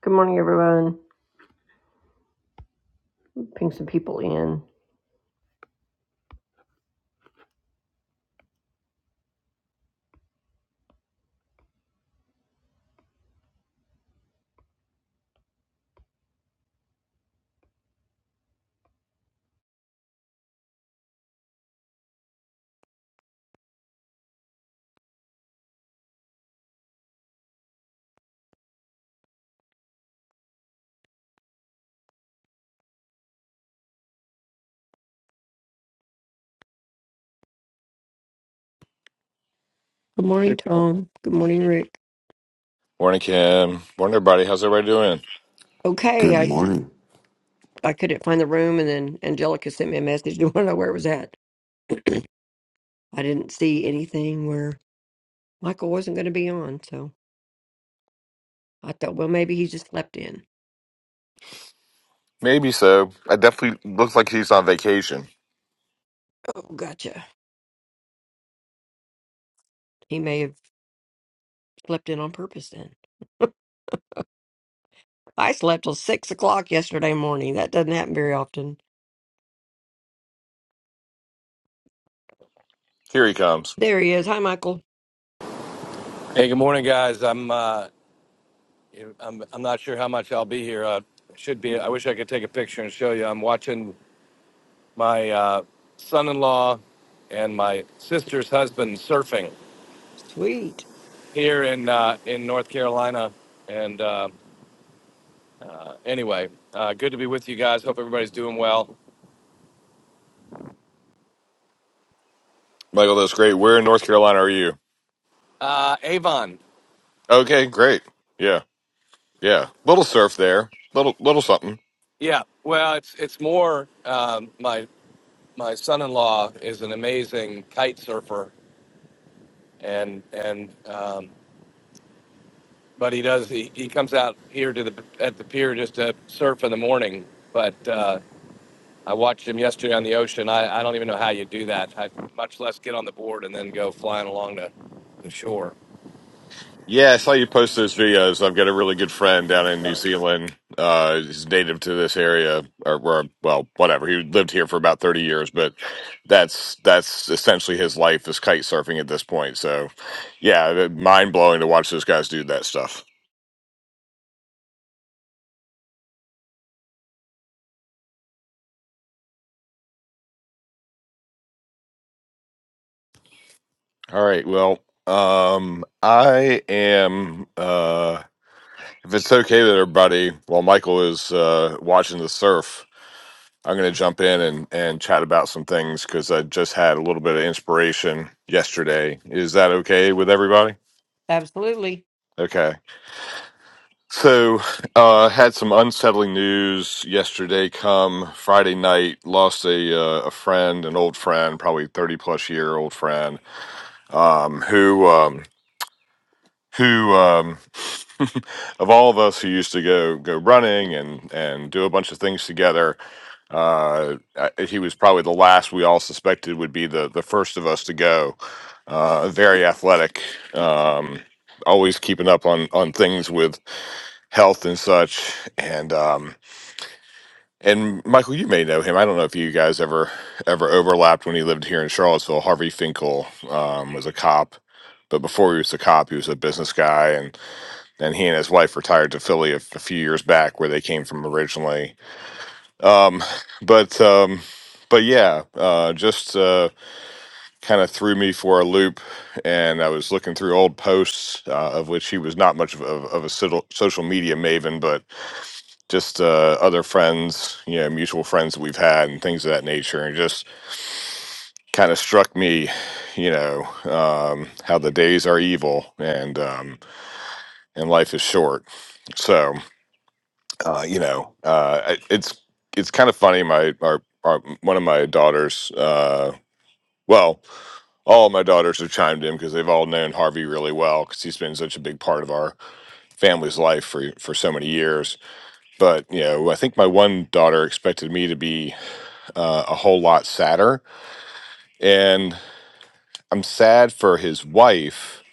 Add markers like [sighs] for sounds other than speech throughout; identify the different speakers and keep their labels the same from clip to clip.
Speaker 1: Good morning, everyone. Ping some people in. Good morning, Tom. Good morning, Rick.
Speaker 2: Morning, Kim. Morning, everybody. How's everybody doing?
Speaker 1: Okay,
Speaker 3: Good
Speaker 1: I
Speaker 3: morning.
Speaker 1: I couldn't find the room, and then Angelica sent me a message. [laughs] Didn't know where it was at. I didn't see anything where Michael wasn't going to be on, so I thought, well, maybe he just slept in.
Speaker 2: Maybe so. I definitely looks like he's on vacation.
Speaker 1: Oh, gotcha. He may have slept in on purpose then. I slept till six o'clock yesterday morning. That doesn't happen very often.
Speaker 2: Here he comes.
Speaker 1: There he is. Hi, Michael.
Speaker 4: Hey, good morning, guys. I'm uh, I'm I'm not sure how much I'll be here. Uh, should be. I wish I could take a picture and show you. I'm watching my uh, son-in-law and my sister's husband surfing
Speaker 1: Sweet.
Speaker 4: here in uh, in North Carolina. And uh, anyway, uh, good to be with you guys. Hope everybody's doing well.
Speaker 2: Michael, that's great. Where in North Carolina are you?
Speaker 4: Uh, Avon,
Speaker 2: Okay, great. Yeah, yeah. Little surf there. Little, little something.
Speaker 4: yeah. Well, it's it's more um, my my son-in-law is an amazing kite surfer, and and um, but he does. He, he comes out here to the at the pier just to surf in the morning. But uh, I watched him yesterday on the ocean. I, I don't even know how you do that. I much less get on the board and then go flying along to the shore.
Speaker 2: Yeah, I saw you post those videos. I've got a really good friend down in New Zealand. Uh, he's native to this area, or, or well, whatever. He lived here for about thirty years, but that's that's essentially his life is kite surfing at this point. So, yeah, mind blowing to watch those guys do that stuff. All right. Well, um, I am. Uh, if it's okay with everybody, while Michael is uh, watching the surf, I'm going to jump in and and chat about some things because I just had a little bit of inspiration yesterday. Is that okay with everybody?
Speaker 1: Absolutely.
Speaker 2: Okay. So, uh, had some unsettling news yesterday. Come Friday night, lost a uh, a friend, an old friend, probably thirty plus year old friend, um, who. Um, who um, [laughs] of all of us who used to go go running and and do a bunch of things together uh, I- he was probably the last we all suspected would be the the first of us to go uh, very athletic um, always keeping up on on things with health and such and um, and Michael, you may know him. I don't know if you guys ever ever overlapped when he lived here in Charlottesville. Harvey Finkel um, was a cop, but before he was a cop, he was a business guy, and he and his wife retired to Philly a, a few years back, where they came from originally. Um, but um, but yeah, uh, just uh, kind of threw me for a loop, and I was looking through old posts, uh, of which he was not much of, of, of a social social media maven, but just uh, other friends, you know, mutual friends that we've had, and things of that nature, and just kind of struck me, you know, um, how the days are evil and um, and life is short. So uh, you know, uh, I- it's it's kind of funny. My our, our one of my daughters, uh, well, all my daughters have chimed in because they've all known Harvey really well because he's been such a big part of our family's life for for so many years. But you know, I think my one daughter expected me to be uh, a whole lot sadder, and I'm sad for his wife.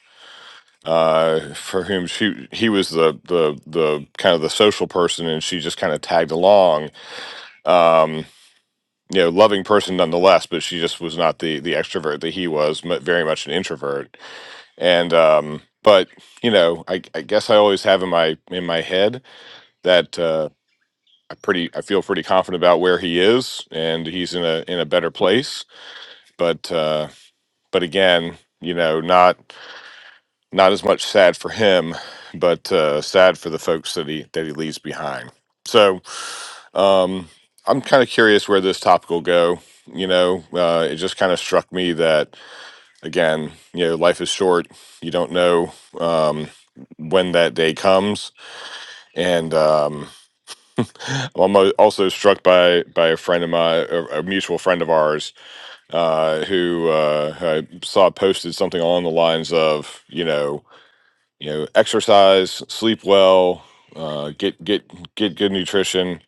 Speaker 2: Uh, for whom she he was the the the kind of the social person, and she just kind of tagged along Um, you know loving person nonetheless but she just was not the the extrovert that he was mu very much an introvert and um but you know I, I guess i always have in my in my head that uh i pretty i feel pretty confident about where he is and he's in a in a better place but uh but again you know not Not as much sad for him, but uh, sad for the folks that he that he leaves behind. So, um, I'm kind of curious where this topic will go. You know, uh, it just kind of struck me that again, you know, life is short. You don't know um, when that day comes, and um, I'm almo- also struck by by a friend of my, a, a mutual friend of ours, uh, who, uh, who I saw posted something along the lines of, you know you know exercise sleep well uh, get get get good nutrition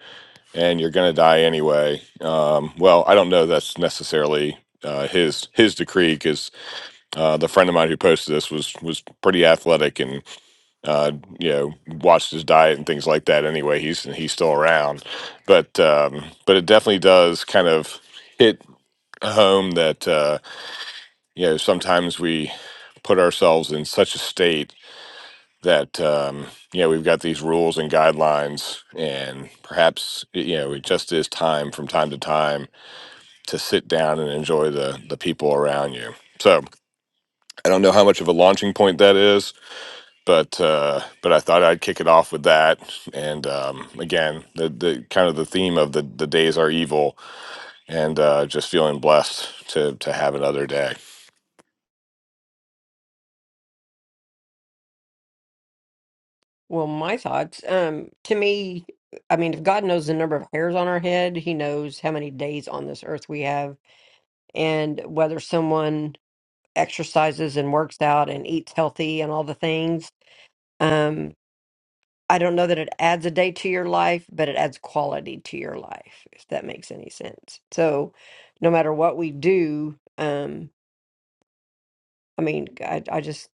Speaker 2: and you're gonna die anyway um, well i don't know that's necessarily uh, his his decree because uh, the friend of mine who posted this was was pretty athletic and uh, you know watched his diet and things like that anyway he's he's still around but um, but it definitely does kind of hit home that uh, you know sometimes we put ourselves in such a state that um, you know we've got these rules and guidelines and perhaps you know it just is time from time to time to sit down and enjoy the the people around you so i don't know how much of a launching point that is but uh, but i thought i'd kick it off with that and um, again the, the kind of the theme of the the days are evil and uh, just feeling blessed to to have another day
Speaker 1: Well, my thoughts, um, to me, I mean, if God knows the number of hairs on our head, he knows how many days on this earth we have, and whether someone exercises and works out and eats healthy and all the things. Um, I don't know that it adds a day to your life, but it adds quality to your life, if that makes any sense. So, no matter what we do, um, I mean, I, I just,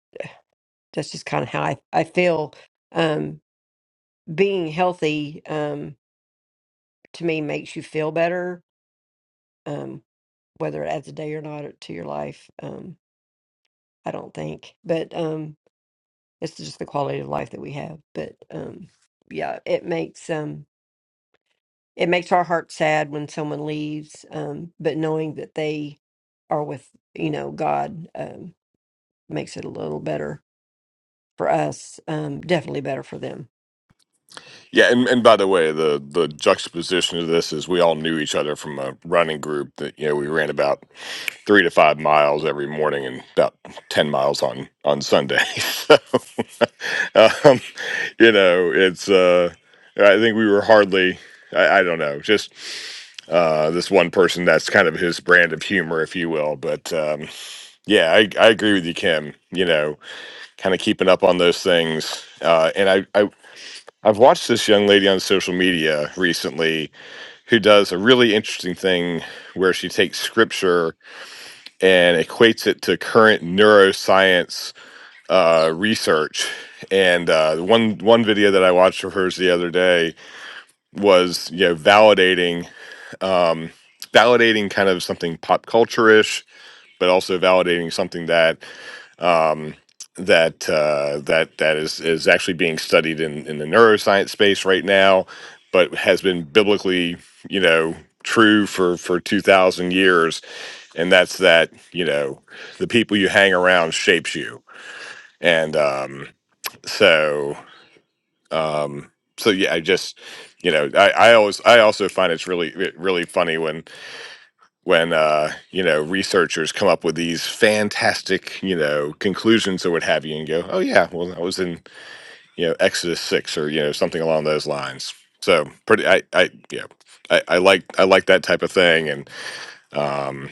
Speaker 1: that's just kind of how I, I feel. Um, being healthy. um, to me makes you feel better, um, whether it adds a day or not uh, to your life. Um, I don't think, but um, it's just the quality of life that we have. But um, yeah, it makes um, it makes our heart sad when someone leaves, um, but knowing that they are with you know God um, makes it a little better for us. Um, definitely better for them.
Speaker 2: Yeah, and, and by the way, the the juxtaposition of this is we all knew each other from a running group that you know we ran about three to five miles every morning and about ten miles on on Sunday. [laughs] so, [laughs] um, you know, it's uh, I think we were hardly. I, I don't know, just uh, this one person. That's kind of his brand of humor, if you will. But um, yeah, I, I agree with you, Kim. You know, kind of keeping up on those things, uh, and I, I I've watched this young lady on social media recently who does a really interesting thing where she takes scripture and equates it to current neuroscience uh, research. And uh, one one video that I watched of hers the other day was you know validating um, validating kind of something pop culture ish, but also validating something that um, that uh, that that is is actually being studied in in the neuroscience space right now, but has been biblically, you know, true for for two thousand years, and that's that you know the people you hang around shapes you, and um, so um, so yeah, I just you know I, I always I also find it's really really funny when when uh, you know researchers come up with these fantastic you know conclusions or what have you, and go, oh yeah, well that was in you know Exodus six or you know something along those lines. So pretty, I I yeah, I, I like I like that type of thing. And um,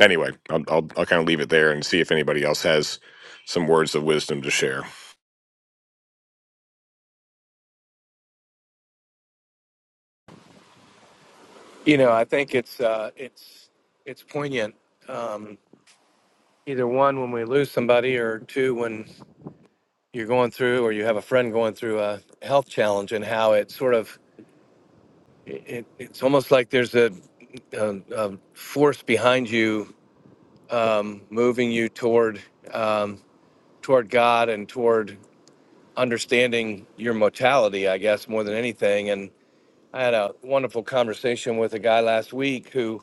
Speaker 2: anyway, I'll I'll, I'll kind of leave it there and see if anybody else has some words of wisdom to share.
Speaker 4: You know, I think it's uh, it's it's poignant. Um, either one, when we lose somebody, or two, when you're going through or you have a friend going through a health challenge, and how it sort of it, it, it's almost like there's a, a, a force behind you um, moving you toward um, toward God and toward understanding your mortality, I guess, more than anything. And I had a wonderful conversation with a guy last week who,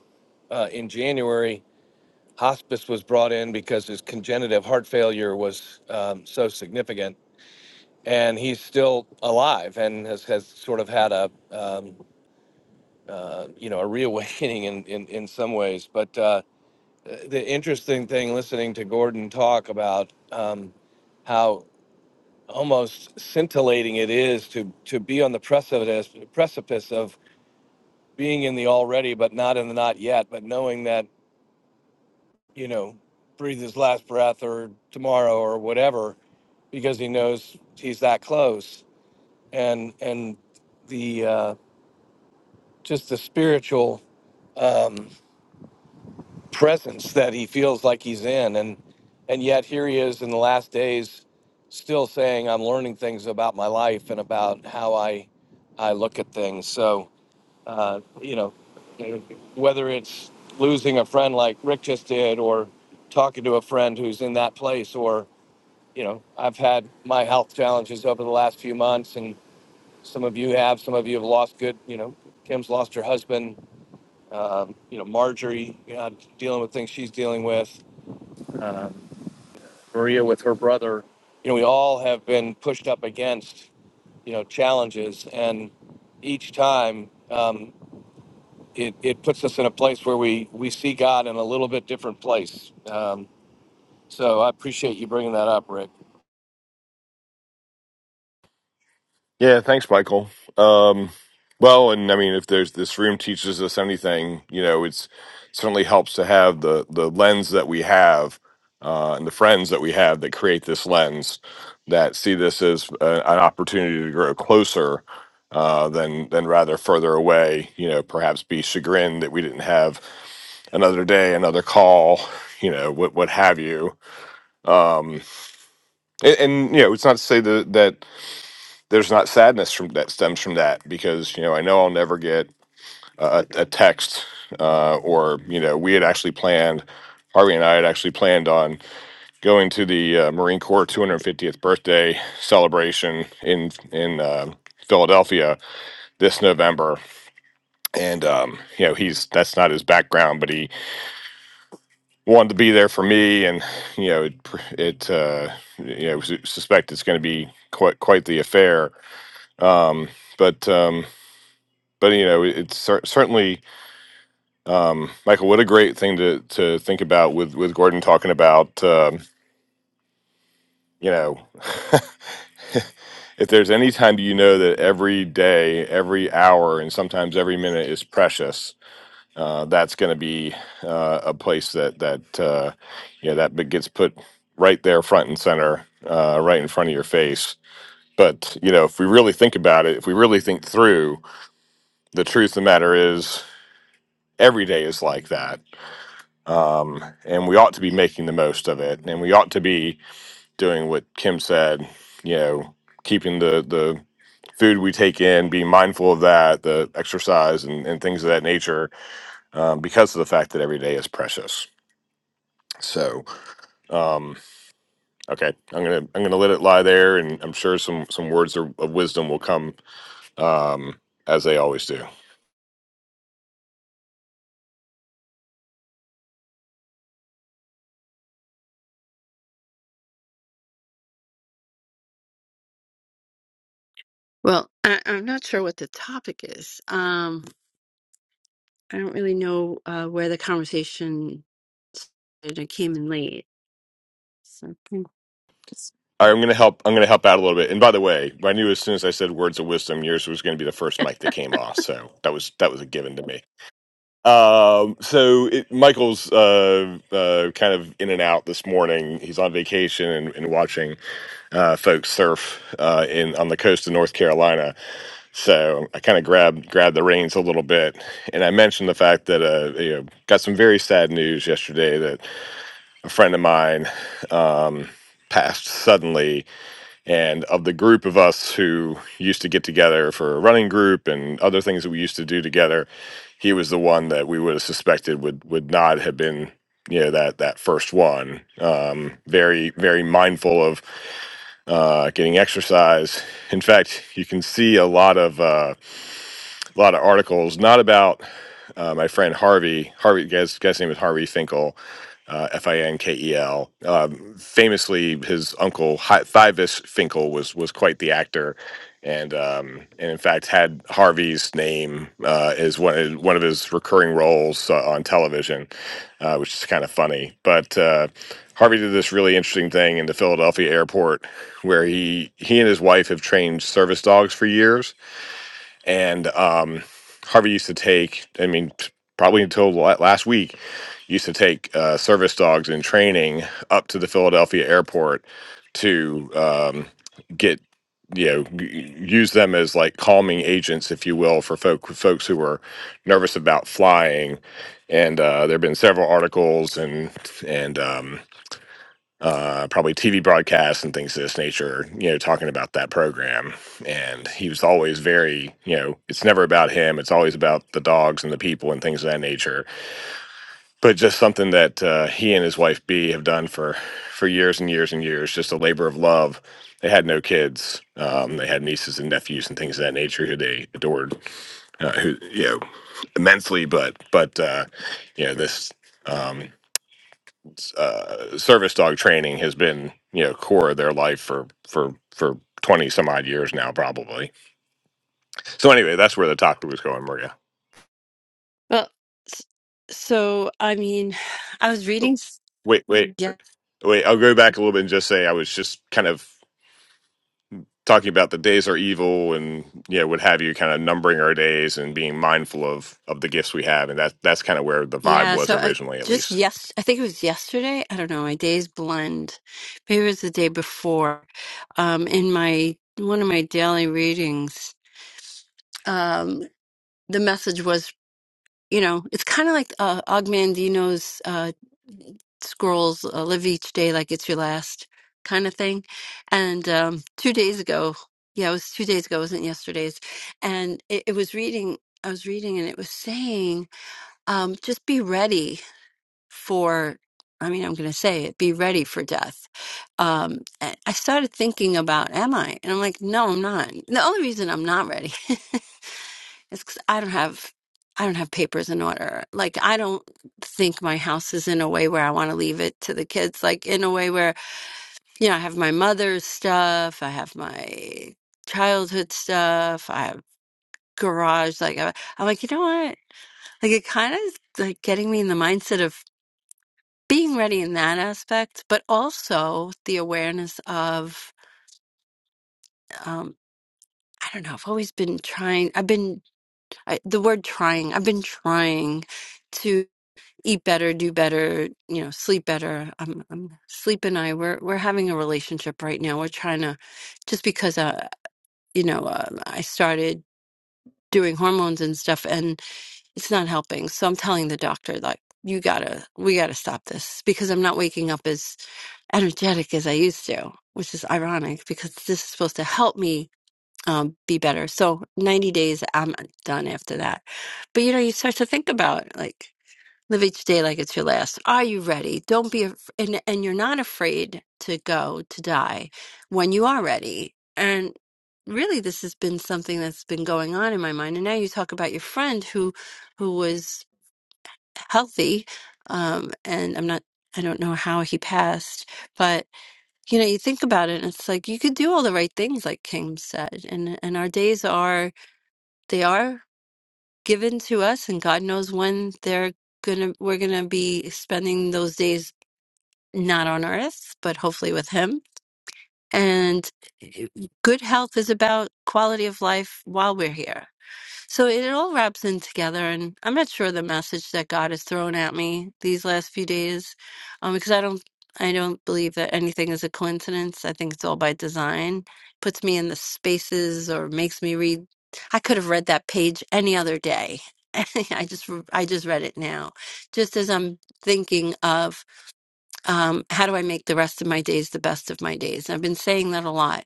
Speaker 4: uh, in January, hospice was brought in because his congenitive heart failure was um, so significant, and he's still alive and has, has sort of had a um, uh, you know a reawakening in in, in some ways, but. Uh, the interesting thing listening to Gordon talk about um, how almost scintillating it is to to be on the precipice precipice of being in the already but not in the not yet, but knowing that you know breathe his last breath or tomorrow or whatever because he knows he's that close and and the uh, just the spiritual. Um, presence that he feels like he's in and and yet here he is in the last days still saying i'm learning things about my life and about how i i look at things so uh, you know whether it's losing a friend like rick just did or talking to a friend who's in that place or you know i've had my health challenges over the last few months and some of you have some of you have lost good you know kim's lost her husband um, you know marjorie you know, dealing with things she's dealing with Maria with her brother, you know, we all have been pushed up against, you know, challenges. And each time um, it, it puts us in a place where we, we see God in a little bit different place. Um, so I appreciate you bringing that up, Rick.
Speaker 2: Yeah, thanks, Michael. Um, well, and I mean, if there's this room teaches us anything, you know, it's certainly helps to have the the lens that we have uh, and the friends that we have that create this lens that see this as a, an opportunity to grow closer uh, than than rather further away. You know, perhaps be chagrined that we didn't have another day, another call, you know, what what have you. Um, and, and you know, it's not to say that that there's not sadness from that stems from that because you know I know I'll never get a, a text uh, or you know we had actually planned Harvey and I had actually planned on going to the uh, Marine Corps 250th birthday celebration in in uh, Philadelphia this November and um, you know he's that's not his background but he wanted to be there for me and you know it, it uh, you know suspect it's going to be quite quite the affair um, but um, but you know, it's cer- certainly um, Michael. What a great thing to to think about with with Gordon talking about. Um, you know, [laughs] if there's any time you know that every day, every hour, and sometimes every minute is precious, uh, that's going to be uh, a place that that uh, you know that bit gets put right there, front and center, uh, right in front of your face. But you know, if we really think about it, if we really think through, the truth of the matter is, every day is like that um, and we ought to be making the most of it, and we ought to be doing what Kim said. You know, keeping the the food we take in, being mindful of that, the exercise, and, and things of that nature, um, because of the fact that every day is precious. So, um, okay, I'm gonna I'm gonna let it lie there, and I'm sure some some words of of wisdom will come um, as they always do.
Speaker 5: Well, I, I'm not sure what the topic is. Um, I don't really know uh, where the conversation started. I came in late. So, hmm.
Speaker 2: i right, I'm gonna help. I'm gonna help out a little bit. And by the way, I knew as soon as I said words of wisdom, yours was gonna be the first mic that came off. So that was that was a given to me. Um, so it, Michael's uh, uh, kind of in and out this morning. He's on vacation and, and watching uh, folks surf uh, in on the coast of North Carolina. So I kind of grabbed grabbed the reins a little bit, and I mentioned the fact that uh, you know got some very sad news yesterday that a friend of mine um, passed suddenly and of the group of us who used to get together for a running group and other things that we used to do together, he was the one that we would have suspected would would not have been you know that that first one. Um, very very mindful of uh, getting exercise. In fact, you can see a lot of. Uh, a lot of articles, not about uh, my friend Harvey. Harvey, guy's, guy's name is Harvey Finkel, uh, F I N K E L. Um, famously, his uncle Hi- Thivis Finkel was was quite the actor, and um, and in fact had Harvey's name uh, as one one of his recurring roles uh, on television, uh, which is kind of funny. But uh, Harvey did this really interesting thing in the Philadelphia airport, where he he and his wife have trained service dogs for years and um, Harvey used to take. I mean, t- probably until la- last week, used to take uh, service dogs in training up to the Philadelphia airport to um, get you know g- use them as like calming agents, if you will, for folk folks who were nervous about flying. And uh, there have been several articles and and um, uh, probably TV broadcasts and things of this nature, you know, talking about that program. And he was always very, you know, it's never about him. It's always about the dogs and the people and things of that nature. But just something that uh, he and his wife B have done for for years and years and years, just a labor of love. They had no kids. Um, they had nieces and nephews and things of that nature who they adored, uh, who you know, immensely. But but uh, you know this. Um, uh, service dog training has been you know core of their life for for for 20 some odd years now probably so anyway that's where the topic was going maria
Speaker 5: well, s- so I mean, [sighs] I was reading. s-
Speaker 2: wait wait
Speaker 5: Yeah,
Speaker 2: wait i'll go back a little bit and just say i was just kind of talking about the days are evil and you know what have you kind of numbering our days and being mindful of of the gifts we have and that that's kind of where the vibe
Speaker 5: yeah.
Speaker 2: was
Speaker 5: So I,
Speaker 2: originally at
Speaker 5: just
Speaker 2: least
Speaker 5: yes, I think it was yesterday. I don't know. My days blend. Maybe it was the day before. Um, in my one of my daily readings, um, the message was. you know, it's kind of like uh, Ogmandino's uh, scrolls uh, live each day like it's your last kind of thing. And um, two days ago, yeah, it was two days ago, it wasn't yesterday's. And it, it was reading, I was reading, and it was saying, um, just be ready for, I mean, I'm going to say it, be ready for death. Um, and I started thinking about, am I? And I'm like, no, I'm not. The only reason I'm not ready [laughs] It's 'cause I don't have I don't have papers in order. Like I don't think my house is in a way where I want to leave it to the kids. Like in a way where you know I have my mother's stuff, I have my childhood stuff, I have garage. Like I, I'm like you know what? Like it kind of is like getting me in the mindset of being ready in that aspect, but also the awareness of um, I don't know. I've always been trying. I've been I, the word trying. I've been trying. eat better, do better, you know, sleep better. I'm, I'm sleep and I we're we're having a relationship right now. We're trying to just because uh you know uh, I started doing hormones and stuff, and it's not helping. So I'm telling the doctor like you gotta we gotta stop this because I'm not waking up as energetic as I used to, which is ironic because this is supposed to help me. Um, be better. So 90 days, I'm done after that. But you know, you start to think about like Live each day like it's your last. Are you ready? Don't be, af- and, and you're not afraid to go to die when you are ready. And really, this has been something that's been going on in my mind. And now you talk about your friend who, who was healthy, um, and I'm not, I don't know how he passed, but you know, you think about it, and it's like you could do all the right things, like King said, and and our days are they are given to us and God knows when they're gonna we're gonna be spending those days not on earth, but hopefully with him. And eh, good health is about quality of life while we're here. So it all wraps in together, and I'm not sure the message that God has thrown at me these last few days, um, because I don't, I don't believe that anything is a coincidence. I think it's all by design. Puts me in the spaces or makes me read. I could have read that page any other day. [laughs] I just, I just read it now, just as I'm thinking of um, how do I make the rest of my days the best of my days. I've been saying that a lot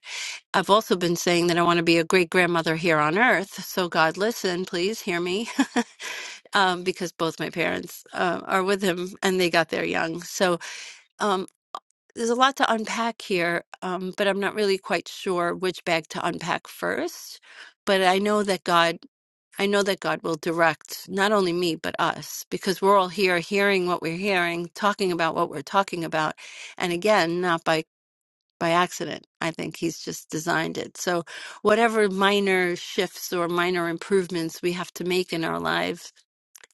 Speaker 5: I've also been saying that I want to be a great grandmother here on earth. So, God, listen, please hear me. [laughs] um, because both my parents uh, are with him and they got there young. So um, there's a lot to unpack here, um, but I'm not really quite sure which bag to unpack first. But I know that God, I know that God will direct not only me, but us, because we're all here hearing what we're hearing, talking about what we're talking about. And again, not by by accident. I think he's just designed it. So, whatever minor shifts or minor improvements we have to make in our lives,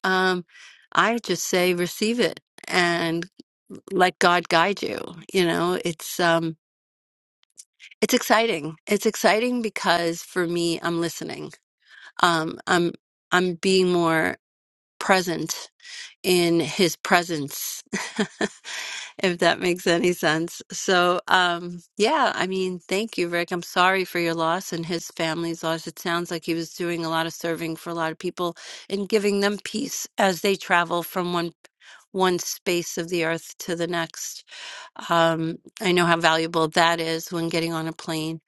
Speaker 5: um, I just say receive it and let God guide you. You know, it's um, it's exciting. It's exciting because for me, I'm listening. Um, I'm I'm being more present in his presence, [laughs] if that makes any sense. So, um, yeah, I mean, thank you, Rick. I'm sorry for your loss and his family's loss. It sounds like he was doing a lot of serving for a lot of people and giving them peace as they travel from one one space of the earth to the next. Um, I know how valuable that is when getting on a plane.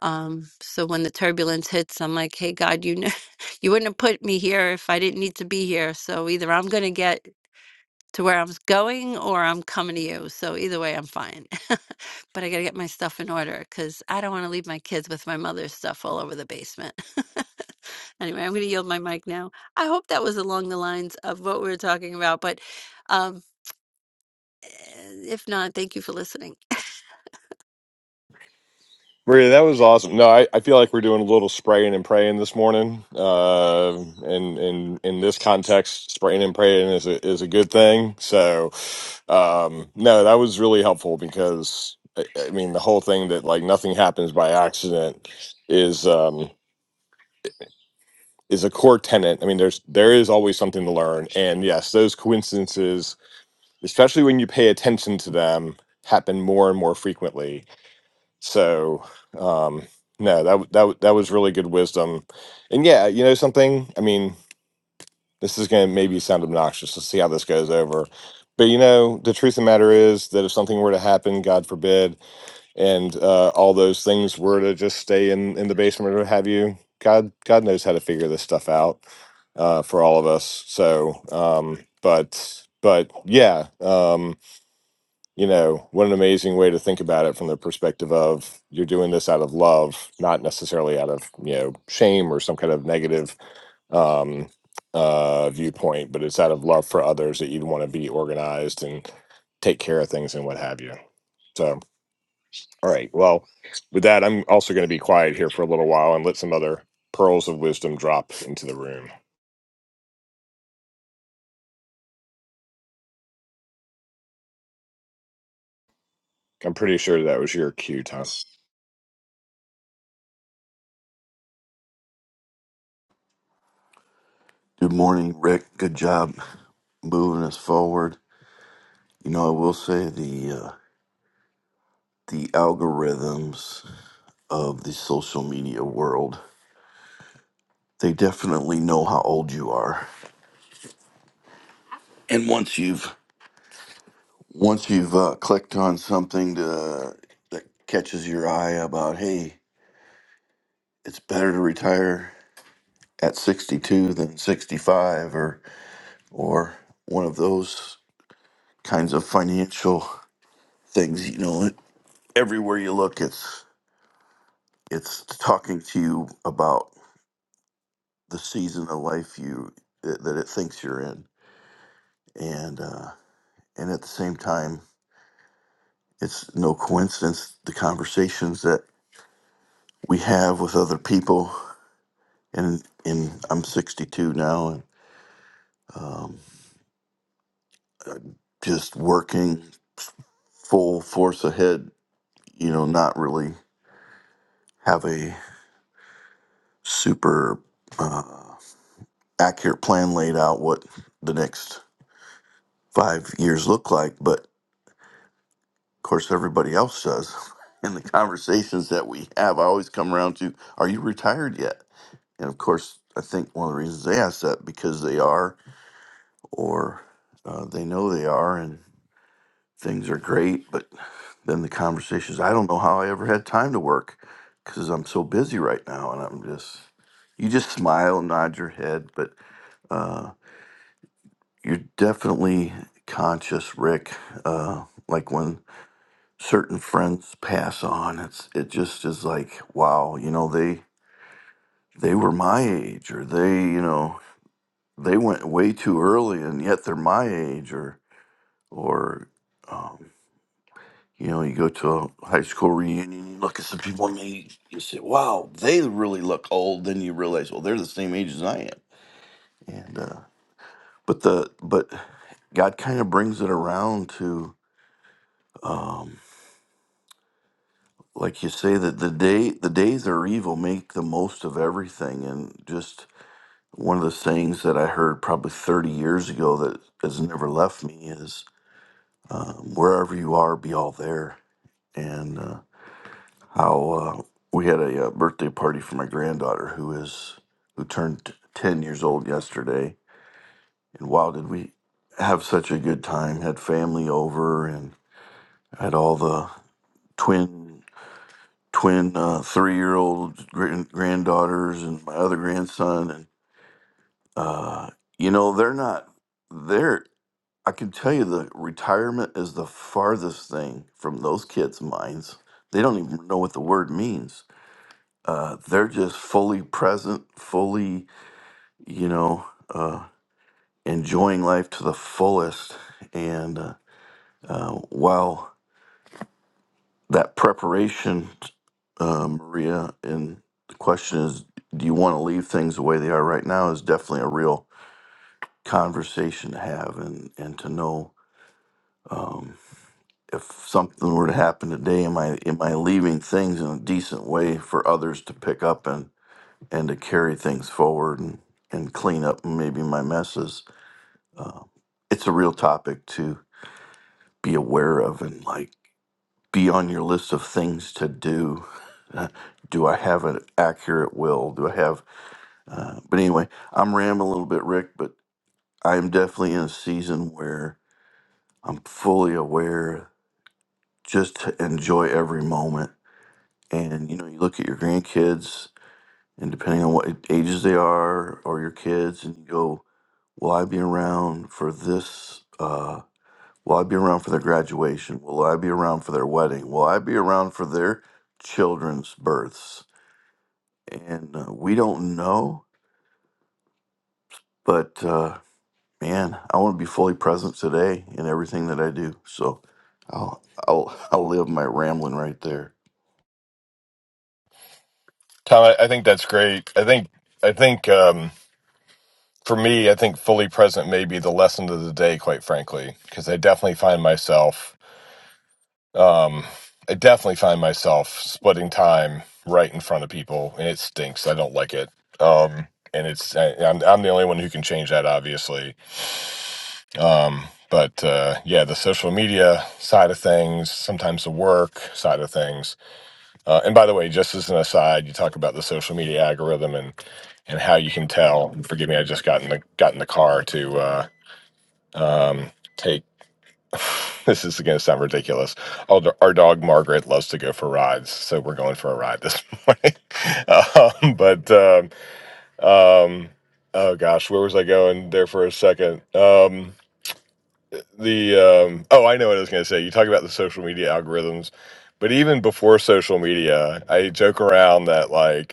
Speaker 5: Um, so when the turbulence hits, I'm like, hey, God, you know, [laughs] you wouldn't have put me here if I didn't need to be here. So either I'm going to get to where I was going or I'm coming to you. So either way, I'm fine. [laughs] but I got to get my stuff in order because I don't want to leave my kids with my mother's stuff all over the basement. [laughs] anyway, I'm going to yield my mic now. I hope that was along the lines of what we were talking about. But um, eh, if not, thank you for listening.
Speaker 2: Maria, that was awesome. No, I, I feel like we're doing a little spraying and praying this morning. Uh, and and in this context, spraying and praying is a, is a good thing. So, um, no, that was really helpful because I, I mean the whole thing that like nothing happens by accident is um is a core tenet. I mean, there's there is always something to learn, and yes, those coincidences, especially when you pay attention to them, happen more and more frequently so, um, no, that w- that w- that was really good wisdom. And yeah, you know something. I mean, this is going to maybe sound obnoxious. Let's see how this goes over. But you know, the truth of the matter is that if something were to happen, God forbid, and uh, all those things were to just stay in in the basement or what have you, God God knows how to figure this stuff out uh, for all of us. So, um, but but yeah. Um, you know, what an amazing way to think about it from the perspective of you're doing this out of love, not necessarily out of, you know, shame or some kind of negative um, uh, viewpoint, but it's out of love for others that you'd want to be organized and take care of things and what have you. So, all right. Well, with that, I'm also going to be quiet here for a little while and let some other pearls of wisdom drop into the room. I'm pretty sure that was your cue, Tom.
Speaker 3: Good morning, Rick. Good job moving us forward. You know, I will say the uh, the algorithms of the social media world they definitely know how old you are, and once you've once you've uh, clicked on something to, that catches your eye about hey, it's better to retire at 62 than 65 or or one of those kinds of financial things you know everywhere you look it's it's talking to you about the season of life you that that it thinks you're in, and uh, and at the same time, it's no coincidence the conversations that we have with other people. And and I'm 62 now, and um, just working full force ahead. You know, not really have a super uh, accurate plan laid out what the next five years look like, but Of course, everybody else does. [laughs] In the conversations that we have, I always come around to, "Are you retired yet?" And of course, I think one of the reasons they ask that because they are, or uh, they know they are, and things are great. But then the conversations, I don't know how I ever had time to work because I'm so busy right now, and I'm just, you just smile and nod your head, but uh, you're definitely conscious, Rick. Uh, like when certain friends pass on it's it just is like wow you know they they were my age or they you know they went way too early and yet they're my age or or um, you know you go to a high school reunion you look at some people and they, you say wow they really look old then you realize well they're the same age as i am and uh, but the but god kind of brings it around to um, like you say that the day the days are evil make the most of everything and just one of the sayings that i heard probably 30 years ago that has never left me is um, wherever you are be all there and uh, how uh, we had a uh, birthday party for my granddaughter who is who turned 10 years old yesterday and wow did we have such a good time had family over and had all the twin twin uh, three-year-old grand- granddaughters and my other grandson and uh, you know they're not they're i can tell you the retirement is the farthest thing from those kids' minds they don't even know what the word means uh, they're just fully present fully you know uh, enjoying life to the fullest and uh, uh, wow that preparation, uh, Maria, and the question is, do you want to leave things the way they are right now? Is definitely a real conversation to have, and and to know um, if something were to happen today, am I am I leaving things in a decent way for others to pick up and and to carry things forward and and clean up maybe my messes. Uh, it's a real topic to be aware of and like be on your list of things to do. Uh, do I have an accurate will? Do I have? Uh, but anyway, I'm rambling a little bit, Rick. But I am definitely in a season where I'm fully aware, just to enjoy every moment. And you know, you look at your grandkids, and depending on what ages they are, or your kids, and you go, "Will I be around for this?" Uh, Will I be around for their graduation? Will I be around for their wedding? Will I be around for their children's births? and uh, we don't know. But uh, man, I want to be fully present today in everything that I do. So I'll I'll I'll live my rambling right there.
Speaker 2: Tom, I, I think that's great. I think I think. for me, I think fully present may be the lesson of the day, quite frankly, because I definitely find myself, um, I definitely find myself splitting time right in front of people, and it stinks. I don't like it, um, and it's I, I'm I'm the only one who can change that, obviously. Um, but uh, yeah, the social media side of things, sometimes the work side of things. Uh, and by the way, just as an aside, you talk about the social media algorithm and and how you can tell. Forgive me, I just got in the got in the car to. uh, Um, take [laughs] this is going to sound ridiculous. Our, do- our dog Margaret loves to go for rides, so we're going for a ride this [laughs] morning. um, but um, um, oh gosh, where was I going there for a second? Um, the um, oh, I know what I was going to say. You talk about the social media algorithms, but even before social media, I joke around that like.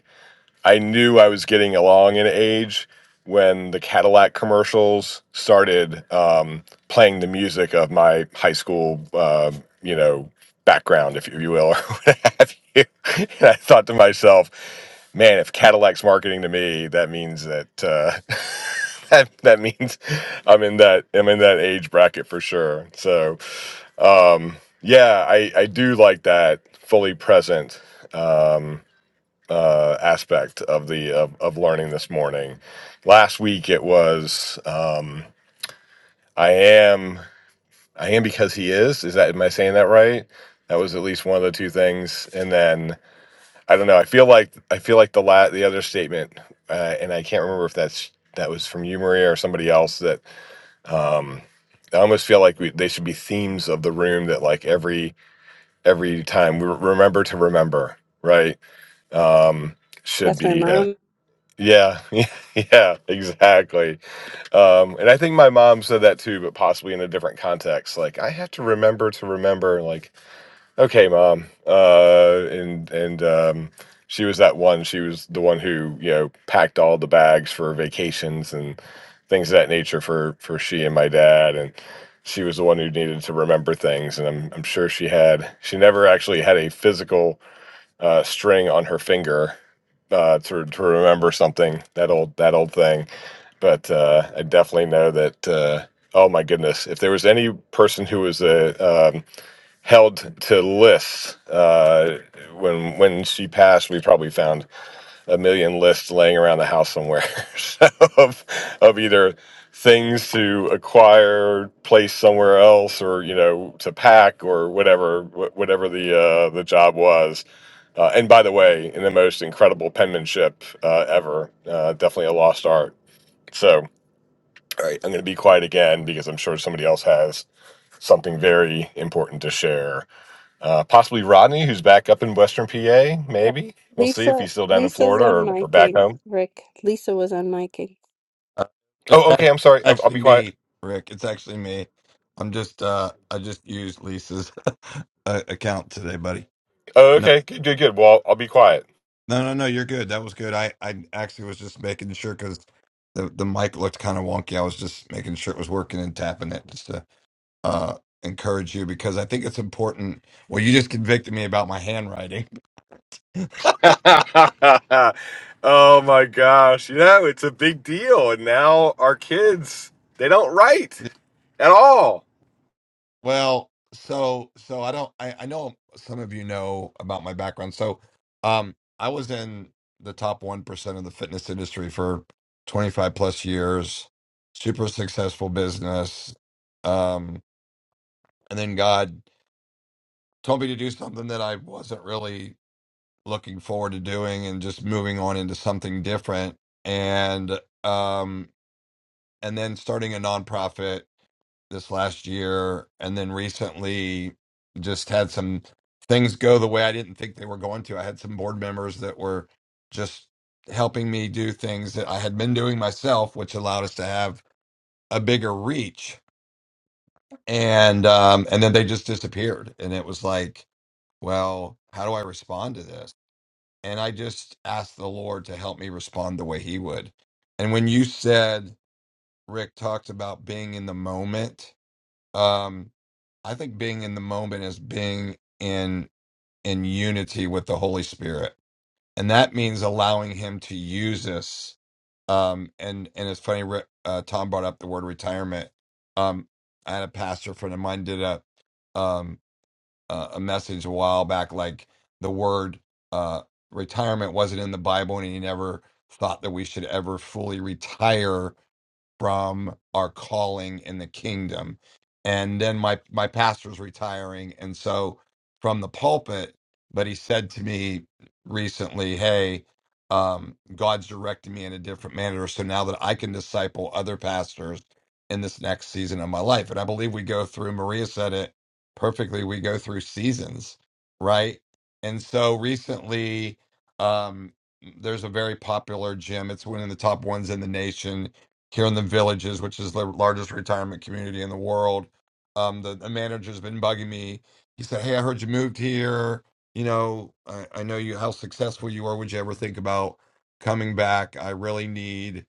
Speaker 2: I knew I was getting along in age when the Cadillac commercials started um, playing the music of my high school, uh, you know, background, if you will, or [laughs] what have you. And I thought to myself, man, if Cadillac's marketing to me, that means that uh, [laughs] that that means I'm in that I'm in that age bracket for sure. So um, yeah, I I do like that fully present. Um, uh, aspect of the of, of learning this morning. Last week it was um, I am I am because he is. Is that am I saying that right? That was at least one of the two things. And then I don't know. I feel like I feel like the la- the other statement, uh, and I can't remember if that's that was from you Maria or somebody else that. Um, I almost feel like we, they should be themes of the room that like every every time we remember to remember right um should
Speaker 5: That's my
Speaker 2: be uh,
Speaker 5: mom.
Speaker 2: Yeah, [laughs] yeah, yeah, exactly. Um, and I think my mom said that too, but possibly in a different context. Like, I have to remember to remember. Like, okay, mom. Uh, and and um, she was that one. She was the one who you know packed all the bags for vacations and things of that nature for for she and my dad. And she was the one who needed to remember things. And I'm I'm sure she had. She never actually had a physical uh, string on her finger uh, to to remember something that old that old thing. But uh, I definitely know that. Uh, oh my goodness! If there was any person who was uh, um, held to lists uh, when when she passed, we probably found a million lists laying around the house somewhere [laughs] so, of of either things to acquire, place somewhere else, or you know to pack or whatever wh- whatever the uh, the job was. Uh, and by the way, in the most incredible penmanship uh, ever, uh, definitely a lost art. So, all right, I'm going to be quiet again because I'm sure somebody else has something very important to share. Uh, possibly Rodney, who's back up in Western PA,
Speaker 5: Uh,
Speaker 2: maybe. We'll see if
Speaker 5: Lisa,
Speaker 2: he's still down in
Speaker 5: Lisa's
Speaker 2: Florida
Speaker 5: on
Speaker 2: or, or back
Speaker 5: miking.
Speaker 2: home.
Speaker 5: Rick, Lisa was on miking.
Speaker 6: Uh, It's
Speaker 2: Oh, okay.
Speaker 6: act-
Speaker 2: I'm sorry. I'll, I'll
Speaker 6: actually
Speaker 2: be quiet.
Speaker 6: me, Rick. It's actually me. I'm just uh I just used Lisa's [laughs] uh, account today, buddy.
Speaker 2: Oh,
Speaker 6: No,
Speaker 2: okay. Good, good, good. Well, I'll be quiet.
Speaker 6: no, no, no. You're good. That was good. I I actually was just making sure because the the mic looked kind of wonky. I was just making sure it was working and tapping it just to uh encourage you because I think it's important. Well, you just convicted me about my handwriting.
Speaker 2: [laughs] oh my gosh. You know, it's a big deal. And now our kids, they don't write
Speaker 6: [laughs]
Speaker 2: at all.
Speaker 6: Well, so so I don't I, I know some of you know about my background. So um I was in the top one percent of the fitness industry for twenty five plus years, super successful business. Um and then God told me to do something that I wasn't really looking forward to doing and just moving on into something different and um and then starting a nonprofit this last year and then recently just had some things go the way I didn't think they were going to. I had some board members that were just helping me do things that I had been doing myself, which allowed us to have a bigger reach. And um and then they just disappeared. And it was like, well, how do I respond to this? And I just asked the Lord to help me respond the way he would. And when you said Rick talked about being in the moment, um, I think being in the moment is being in in unity with the Holy Spirit, and that means allowing Him to use us. Um, and and it's funny, re- uh, Tom brought up the word retirement. Um, I had a pastor friend of mine did a um uh, a message a while back, like the word uh retirement wasn't in the Bible, and he never thought that we should ever fully retire from our calling in the kingdom. And then my my pastor's retiring, and so from the pulpit, but he said to me recently, "Hey, um, God's directing me in a different manner, so now that I can disciple other pastors in this next season of my life." And I believe we go through. Maria said it perfectly. We go through seasons, right? And so recently, um, there's a very popular gym. It's one of the top ones in the nation here in the villages, which is the largest retirement community in the world. Um, the, the manager's been bugging me. He said, "Hey, I heard you moved here. You know, I, I know you how successful you are. Would you ever think about coming back? I really need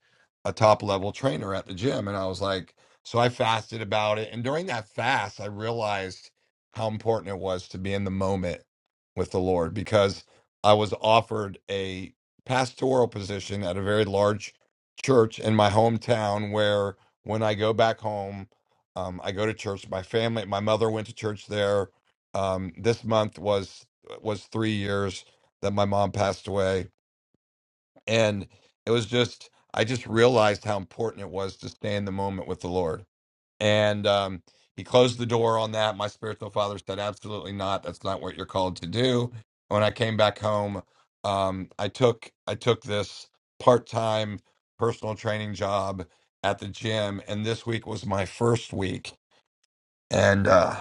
Speaker 6: a top level trainer at the gym." And I was like, so I fasted about it, and during that fast, I realized how important it was to be in the moment with the Lord because I was offered a pastoral position at a very large church in my hometown where when I go back home, um, I go to church. My family, my mother went to church there. Um, this month was uh, was three years that my mom passed away, and it was just I just realized how important it was to stay in the moment with the Lord and um, he closed the door on that. My spiritual father said, "Absolutely not. That's not what you're called to do." When I came back home, um, I took I took this part time personal training job at the gym, and this week was my first week. And uh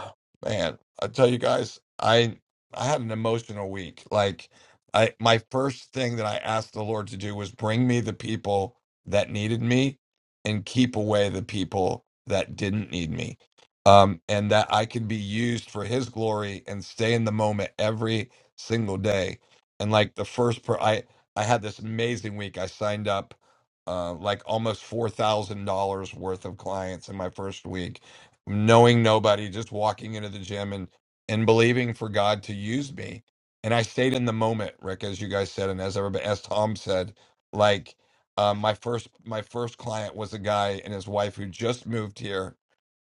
Speaker 6: man, I tell you guys, I I had an emotional week. Like I my first thing that I asked the Lord to do was bring me the people that needed me and keep away the people that didn't need me. Um and that I can be used for his glory and stay in the moment every single day. And like the first per I I had this amazing week. I signed up uh, like almost four thousand dollars worth of clients in my first week knowing nobody, just walking into the gym and and believing for God to use me. And I stayed in the moment, Rick, as you guys said, and as everybody, as Tom said, like um, my first my first client was a guy and his wife who just moved here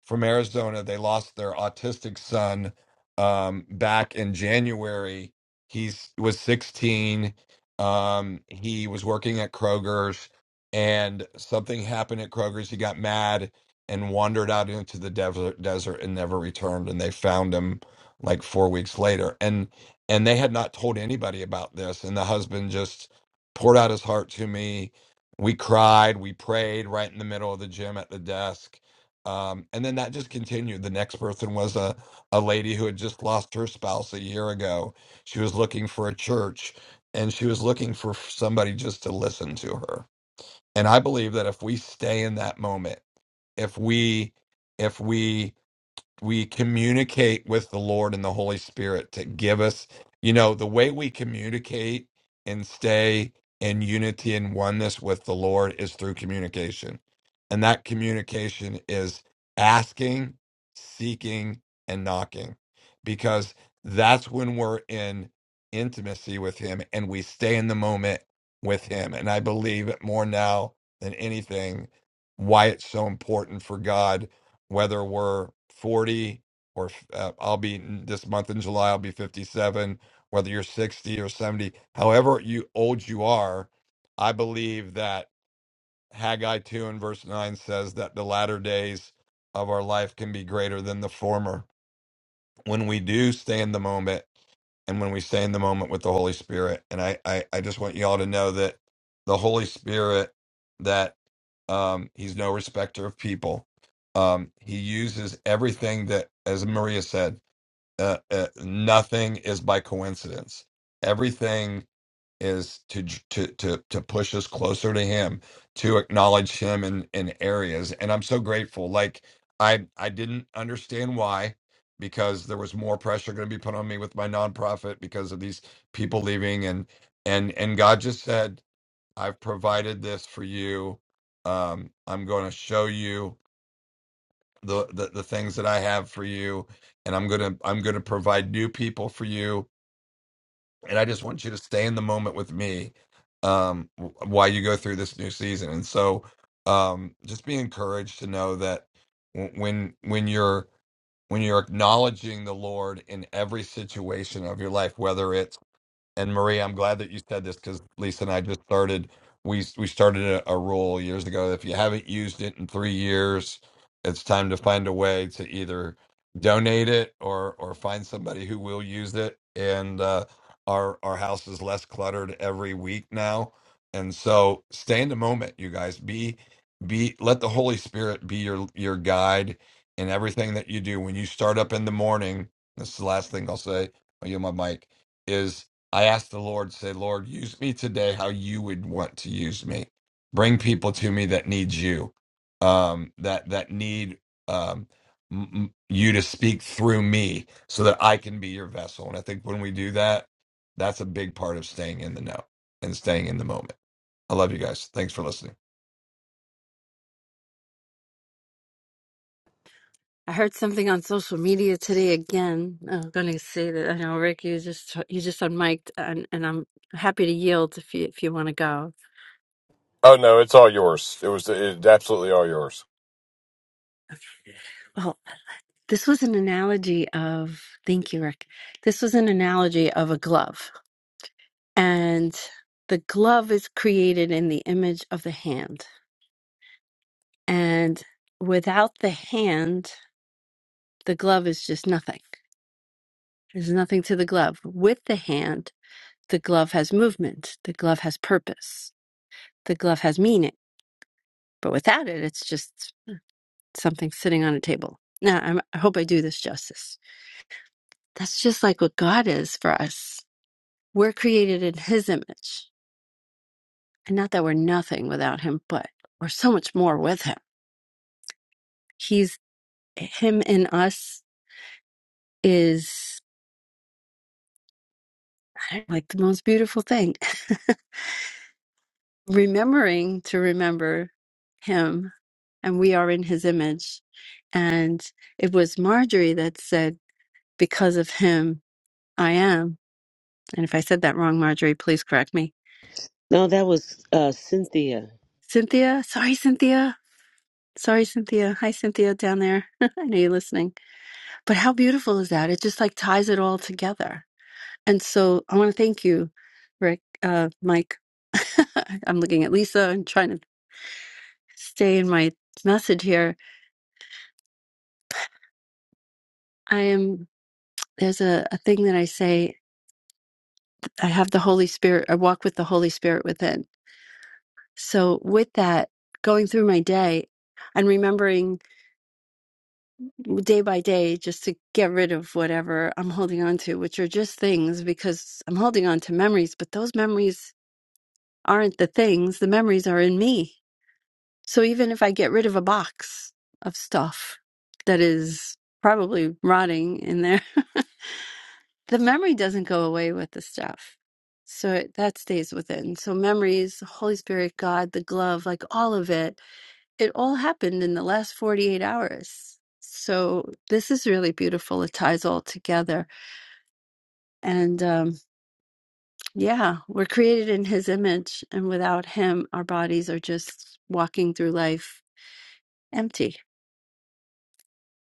Speaker 6: from Arizona. They lost their autistic son um, back in January. He was 16. Um, he was working at Kroger's, and something happened at Kroger's. He got mad and wandered out into the desert, desert and never returned. And they found him like four weeks later. And and they had not told anybody about this. And the husband just poured out his heart to me. We cried, we prayed right in the middle of the gym at the desk um, and then that just continued. The next person was a, a lady who had just lost her spouse a year ago. She was looking for a church and she was looking for somebody just to listen to her. And I believe that if we stay in that moment, if we if we we communicate with the Lord and the Holy Spirit to give us, you know, the way we communicate and stay in unity and oneness with the Lord is through communication. And that communication is asking, seeking, and knocking, because that's when we're in intimacy with Him and we stay in the moment with Him. And I believe it more now than anything why it's so important for God whether we're 40 or uh, I'll be this month in July, I'll be 57, whether you're 60 or 70, however you old you are, I believe that Haggai 2 and verse 9 says that the latter days of our life can be greater than the former when we do stay in the moment and when we stay in the moment with the Holy Spirit. And I, I, I just want y'all to know that the Holy Spirit, that um, He's no respecter of people. Um, he uses everything that, as Maria said, uh, uh, nothing is by coincidence. Everything is to to to to push us closer to him to acknowledge him in in areas and i'm so grateful like i i didn't understand why because there was more pressure going to be put on me with my nonprofit because of these people leaving and and and god just said i've provided this for you um i'm going to show you the, the the things that i have for you and i'm going to i'm going to provide new people for you and I just want you to stay in the moment with me um, w- while you go through this new season. And so, um, just be encouraged to know that w- when when you're when you're acknowledging the Lord in every situation of your life, whether it's and Maria, I'm glad that you said this because Lisa and I just started. We we started a, a rule years ago. that If you haven't used it in three years, it's time to find a way to either donate it or or find somebody who will use it. And uh, our our house is less cluttered every week now. And so, stay in the moment, you guys. Be be let the Holy Spirit be your your guide in everything that you do. When you start up in the morning, this is the last thing I'll say. I'll yield my mic is I asked the Lord, say, Lord, use me today how you would want to use me. Bring people to me that need you, um, that that need um, m- m- you to speak through me, so that I can be your vessel. And I think when we do that, that's a big part of staying in the know and staying in the moment. I love you guys. Thanks for listening.
Speaker 5: I heard something on social media today again. I'm going to say that I know Rick, you just you just unmiked, and and I'm happy to yield if you if you want to go.
Speaker 2: Oh no, it's all yours. It was it's absolutely all yours.
Speaker 5: [laughs] Well, this was an analogy of thank you, Rick. This was an analogy of a glove, and the glove is created in the image of the hand, and without the hand, the glove is just nothing. There's nothing to the glove. With the hand, the glove has movement. The glove has purpose the glove has meaning, but without it, it's just something sitting on a table. Now, I'm, I hope I do this justice. That's just like what God is for us. We're created in His image, and not that we're nothing without Him, but we're so much more with Him. He's Him in us is I don't know, like the most beautiful thing. [laughs] Remembering to remember Him, and we are in His image. And it was Marjorie that said, "Because of Him, I am." And if I said that wrong, Marjorie, please correct me.
Speaker 7: No, that was uh, Cynthia.
Speaker 5: Cynthia, sorry, Cynthia. Sorry, Cynthia. Hi, Cynthia, down there. [laughs] I know you're listening. But how beautiful is that? It just like ties it all together. And so I want to thank you, Rick, uh, Mike. [laughs] I'm looking at Lisa. I'm trying to stay in my message here. I am, there's a, a thing that I say I have the Holy Spirit, I walk with the Holy Spirit within. So with that, going through my day, and remembering day by day just to get rid of whatever I'm holding on to, which are just things because I'm holding on to memories, but those memories aren't the things. The memories are in me. So even if I get rid of a box of stuff that is probably rotting in there, [laughs] the memory doesn't go away with the stuff. So it, that stays within. So memories, Holy Spirit, God, the glove, like all of it it all happened in the last 48 hours. So this is really beautiful. It ties all together. And um, yeah, we're created in his image. And without him, our bodies are just walking through life empty.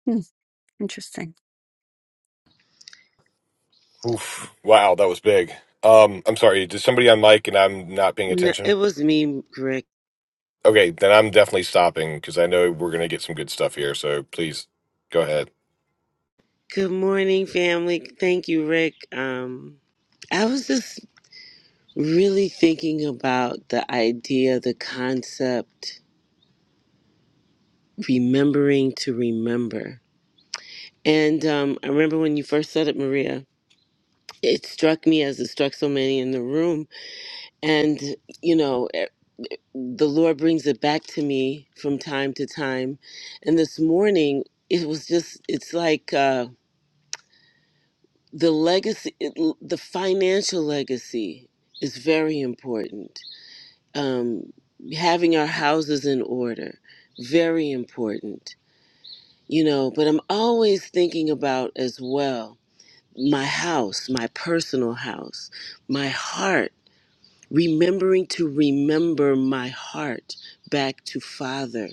Speaker 5: Hmm, interesting.
Speaker 2: Oof. Wow, that was big. Um, I'm sorry. Did somebody on mic and I'm not paying
Speaker 7: No, it
Speaker 2: attention?
Speaker 7: was me, Rick.
Speaker 2: Okay, then I'm definitely stopping because I know we're gonna get some good stuff here. So please go ahead.
Speaker 7: Good morning, family. Thank you, Rick. Um, I was just really thinking about the idea, the concept, remembering to remember. And um, I remember when you first said it, Maria, it struck me as it struck so many in the room. And, you know, eh, the Lord brings it back to me from time to time. And this morning, it was just, it's like, uh, the legacy it- the financial legacy is very important um having our houses in order very important you know but i'm always thinking about as well my house my personal house my heart remembering to remember my heart back to father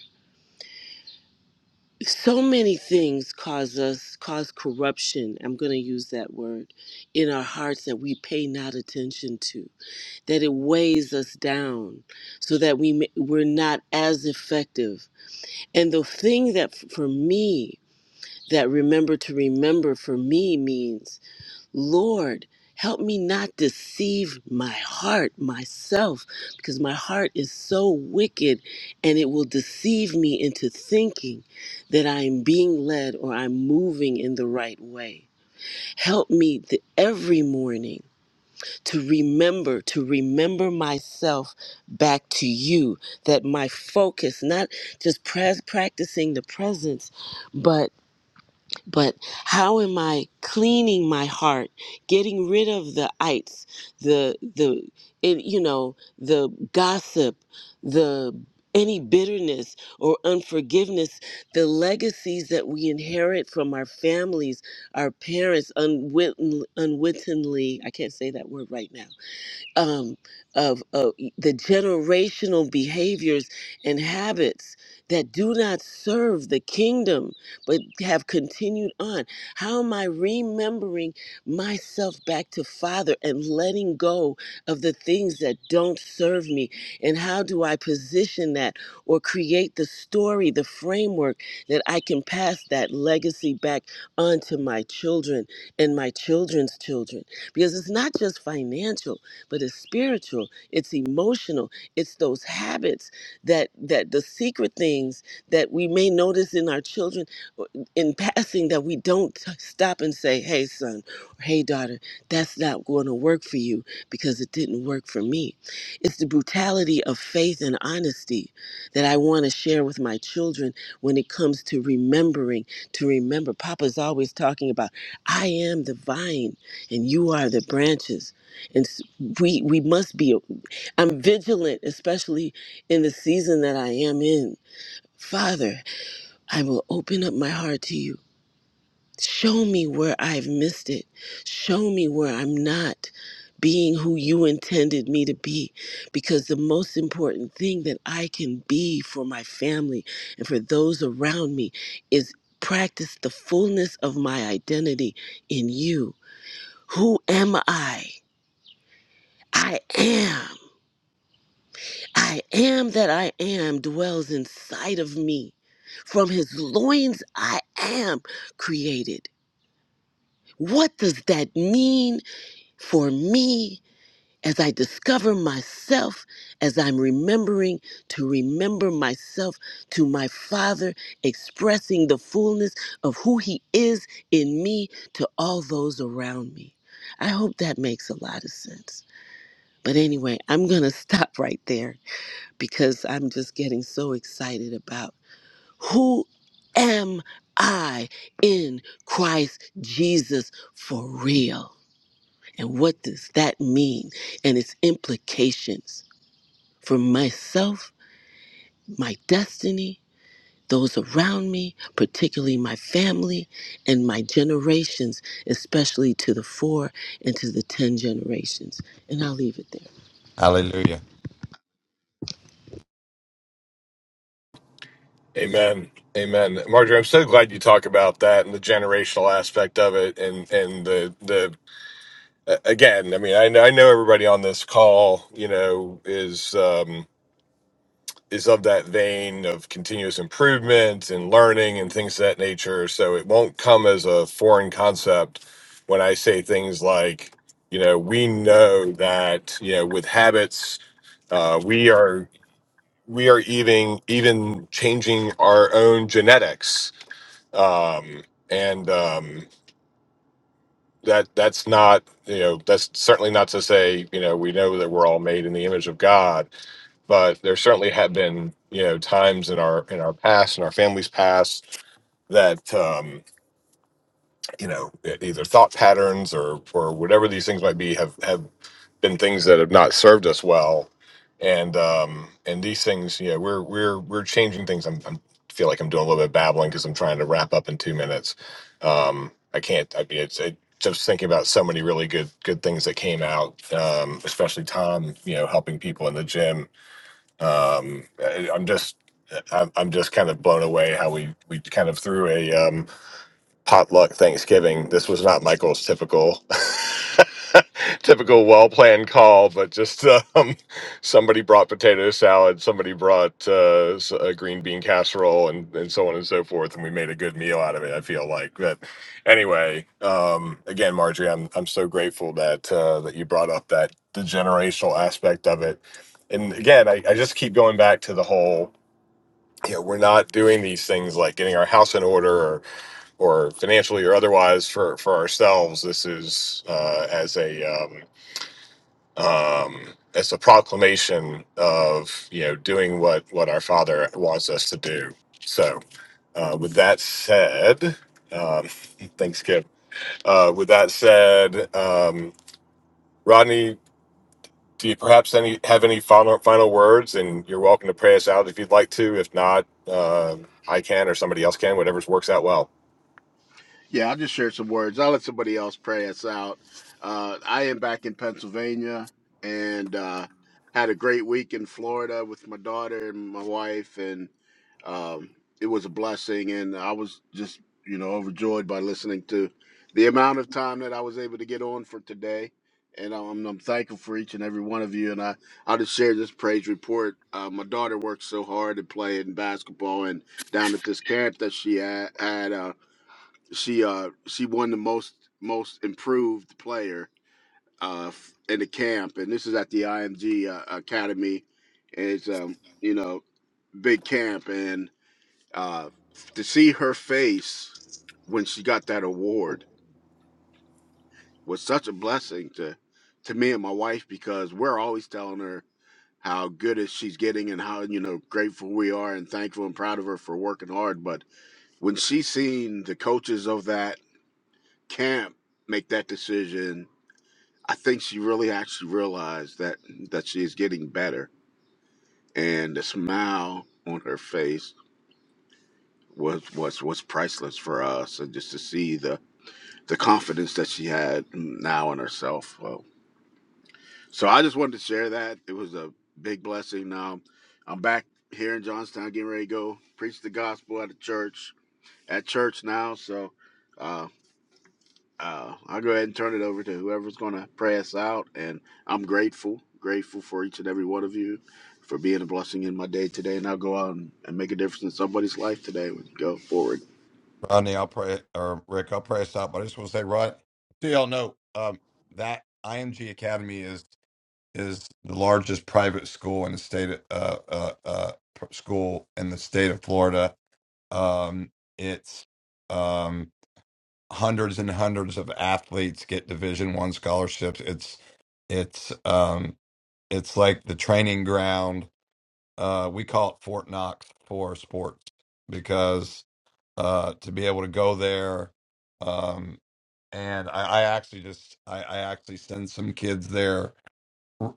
Speaker 7: so many things cause us cause corruption i'm going to use that word in our hearts that we pay not attention to that it weighs us down so that we ma- we're not as effective and the thing that f- for me that remember to remember for me means lord help me not deceive my heart myself because my heart is so wicked and it will deceive me into thinking that i am being led or i'm moving in the right way help me th- every morning to remember to remember myself back to you that my focus not just pres- practicing the presence but but how am i cleaning my heart getting rid of the ites the the it, you know the gossip the any bitterness or unforgiveness the legacies that we inherit from our families our parents unwitten, unwittingly i can't say that word right now um, of, of e, the generational behaviors and habits that do not serve the kingdom but have continued on. How am I remembering myself back to Father and letting go of the things that don't serve me? And how do I position that or create the story, the framework that I can pass that legacy back onto my children and my children's children? Because it's not just financial but it's spiritual, it's emotional, it's those habits that that the secret things that we may notice in our children or in passing that we don't t- stop and say, "Hey son," or "Hey daughter, that's not going to work for you because it didn't work for me." It's the brutality of faith and honesty that I want to share with my children when it comes to remembering to remember. Papa's always talking about, I am the vine and you are the branches and s- we we must be i'm vigilant especially in the season that i am in father i will open up my heart to you show me where i've missed it show me where i'm not being who you intended me to be because the most important thing that i can be for my family and for those around me is practice the fullness of my identity in you who am i i am I am that I am dwells inside of me. From his loins I am created. What does that mean for me as I discover myself, as I'm remembering to remember myself to my Father, expressing the fullness of who he is in me to all those around me? I hope that makes a lot of sense. But anyway, I'm going to [laughs] stop right there because I'm just getting so excited about who am I in Christ Jesus for real? And what does that mean and its implications for myself, my destiny, those around me, particularly my family and my generations, especially to the four and to the 10 generations. And I'll leave it there.
Speaker 6: Hallelujah.
Speaker 2: Amen. Amen. Marjorie, I'm so glad you talk about that and the generational aspect of it and and the the a- again, I mean, I know I know everybody on this call, you know, is um is of that vein of continuous improvement and learning and things of that nature. So it won't come as a foreign concept when I say things like, you know, we know that, you know, with habits, uh, we are we are even even changing our own genetics um, and um, that that's not you know that's certainly not to say you know we know that we're all made in the image of God, but there certainly have been you know times in our in our past in our family's past that um, you know e- either thought patterns or or whatever these things might be have have been things that have not served us well, and um, and these things, yeah, we're we're we're changing things. I'm, I'm feel like I'm doing a little bit of babbling because I'm trying to wrap up in two minutes. Um, I can't. I mean, it's it, just thinking about so many really good good things that came out, um, especially Tom, you know, helping people in the gym. Um, I, I'm just. I'm I'm just kind of blown away how we we kind of threw a um, potluck Thanksgiving. This was not Michael's typical [laughs] typical well planned call, but just [laughs] um, somebody brought potato salad, somebody brought uh, s- a green bean casserole, and, and so on and so forth, and we made a good meal out of it. I feel like, but anyway, um, again, Marjorie, I'm I'm so grateful that uh, that you brought up that the generational aspect of it, and again, I, I just keep going back to the whole. You know, we're not doing these things like getting our house in order or financially or otherwise for for ourselves this is uh as a um um as a proclamation of you know doing what what our father wants us to do so uh with that said um [laughs] thanks kip uh with that said um rodney do you perhaps any have any final final words and you're welcome to pray us out if you'd like to if not uh, i can or somebody else can whatever works out well
Speaker 8: Yeah, I'll just share some words. I'll let somebody else pray us out. Uh, I am back in Pennsylvania and uh, had a great week in Florida with my daughter and my wife, and um, it was a blessing. And I was just, you know, overjoyed by listening to the amount of time that I was able to get on for today. And I'm, I'm thankful for each and every one of you. And I, I'll just share this praise report. Uh, my daughter worked so hard at playing basketball and down at this camp that she had. had uh, she uh she won the most most improved player uh f- in the camp and this is at the IMG uh, Academy and it's um you know big camp and uh to see her face when she got that award was such a blessing to to me and my wife because we're always telling her how good is she's getting and how you know grateful we are and thankful and proud of her for working hard but when she seen the coaches of that camp make that decision I think she really actually realized that that she's getting better, and the smile on her face was was was priceless for us, and just to see the the confidence that she had now in herself. Well, so I just wanted to share that. It was a big blessing. Now I'm back here in Johnstown, getting ready to go preach the gospel at a church at church now. So. Uh, Uh, I'll go ahead and turn it over to whoever's going to pray us out. And I'm grateful, grateful for each and every one of you for being a blessing in my day today. And I'll go out and, and make a difference in somebody's life today when you go forward.
Speaker 6: Rodney, I'll pray, or Rick, I'll pray us out. But I just want to say, Rod, so y'all know um, that IMG Academy is. is the largest private school in the state of, uh, uh, uh, pr- school in the state of Florida. Um, it's um, hundreds and hundreds of athletes get Division One scholarships. It's it's um, it's like the training ground. Uh, we call it Fort Knox for sports because uh, to be able to go there. Um, and I, I actually just I, I actually send some kids there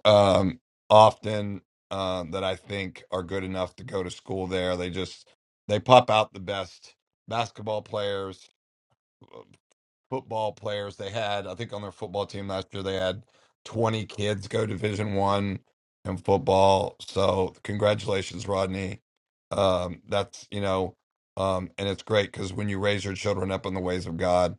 Speaker 6: um, often um, that I think are good enough to go to school there. They just they pop out the best basketball players, uh, football players they had i think on their football team last year they had 20 kids go division one in football so congratulations rodney um, that's you know um, and it's great because when you raise your children up in the ways of god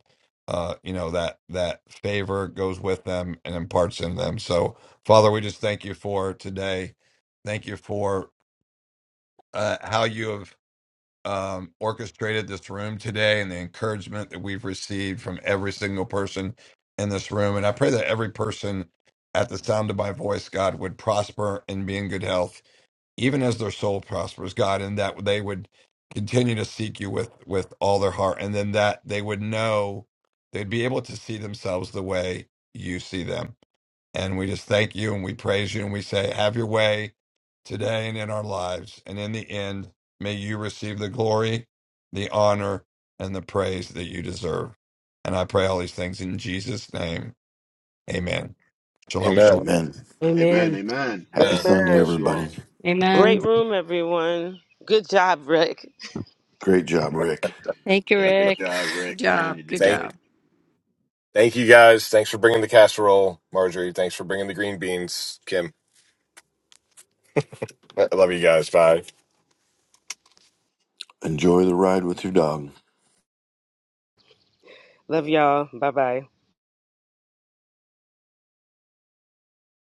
Speaker 6: uh, you know that that favor goes with them and imparts in them so father we just thank you for today thank you for uh, how you have um, orchestrated this room today and the encouragement that we've received from every single person in this room. And I pray that every person at the sound of my voice, God, would prosper and be in good health, even as their soul prospers, God, and that they would continue to seek you with, with all their heart. And then that they would know they'd be able to see themselves the way you see them. And we just thank you and we praise you and we say, have your way today and in our lives. And in the end, may you receive the glory, the honor, and the praise that you deserve. And I pray all these things in Jesus' name. Amen. Shalom, shalom.
Speaker 2: amen
Speaker 3: Amen.
Speaker 8: Amen.
Speaker 1: Amen.
Speaker 8: Amen.
Speaker 3: Happy
Speaker 2: amen
Speaker 3: Sunday,
Speaker 7: Amen.
Speaker 8: Bless you
Speaker 3: everybody.
Speaker 8: all.
Speaker 7: Great room, everyone. Good job, Rick.
Speaker 3: Great job, Rick.
Speaker 5: Thank
Speaker 8: Yeah,
Speaker 5: you.
Speaker 8: great job,
Speaker 1: Good
Speaker 8: Rick. Man,
Speaker 1: job.
Speaker 8: you did
Speaker 1: Good
Speaker 8: great.
Speaker 1: job.
Speaker 2: thank Thank you guys. Thanks for bringing the casserole, Marjorie. Thanks for bringing the green beans, Kim. I love you guys. Bye.
Speaker 3: Enjoy the ride with your dog.
Speaker 7: Love y'all. Bye bye.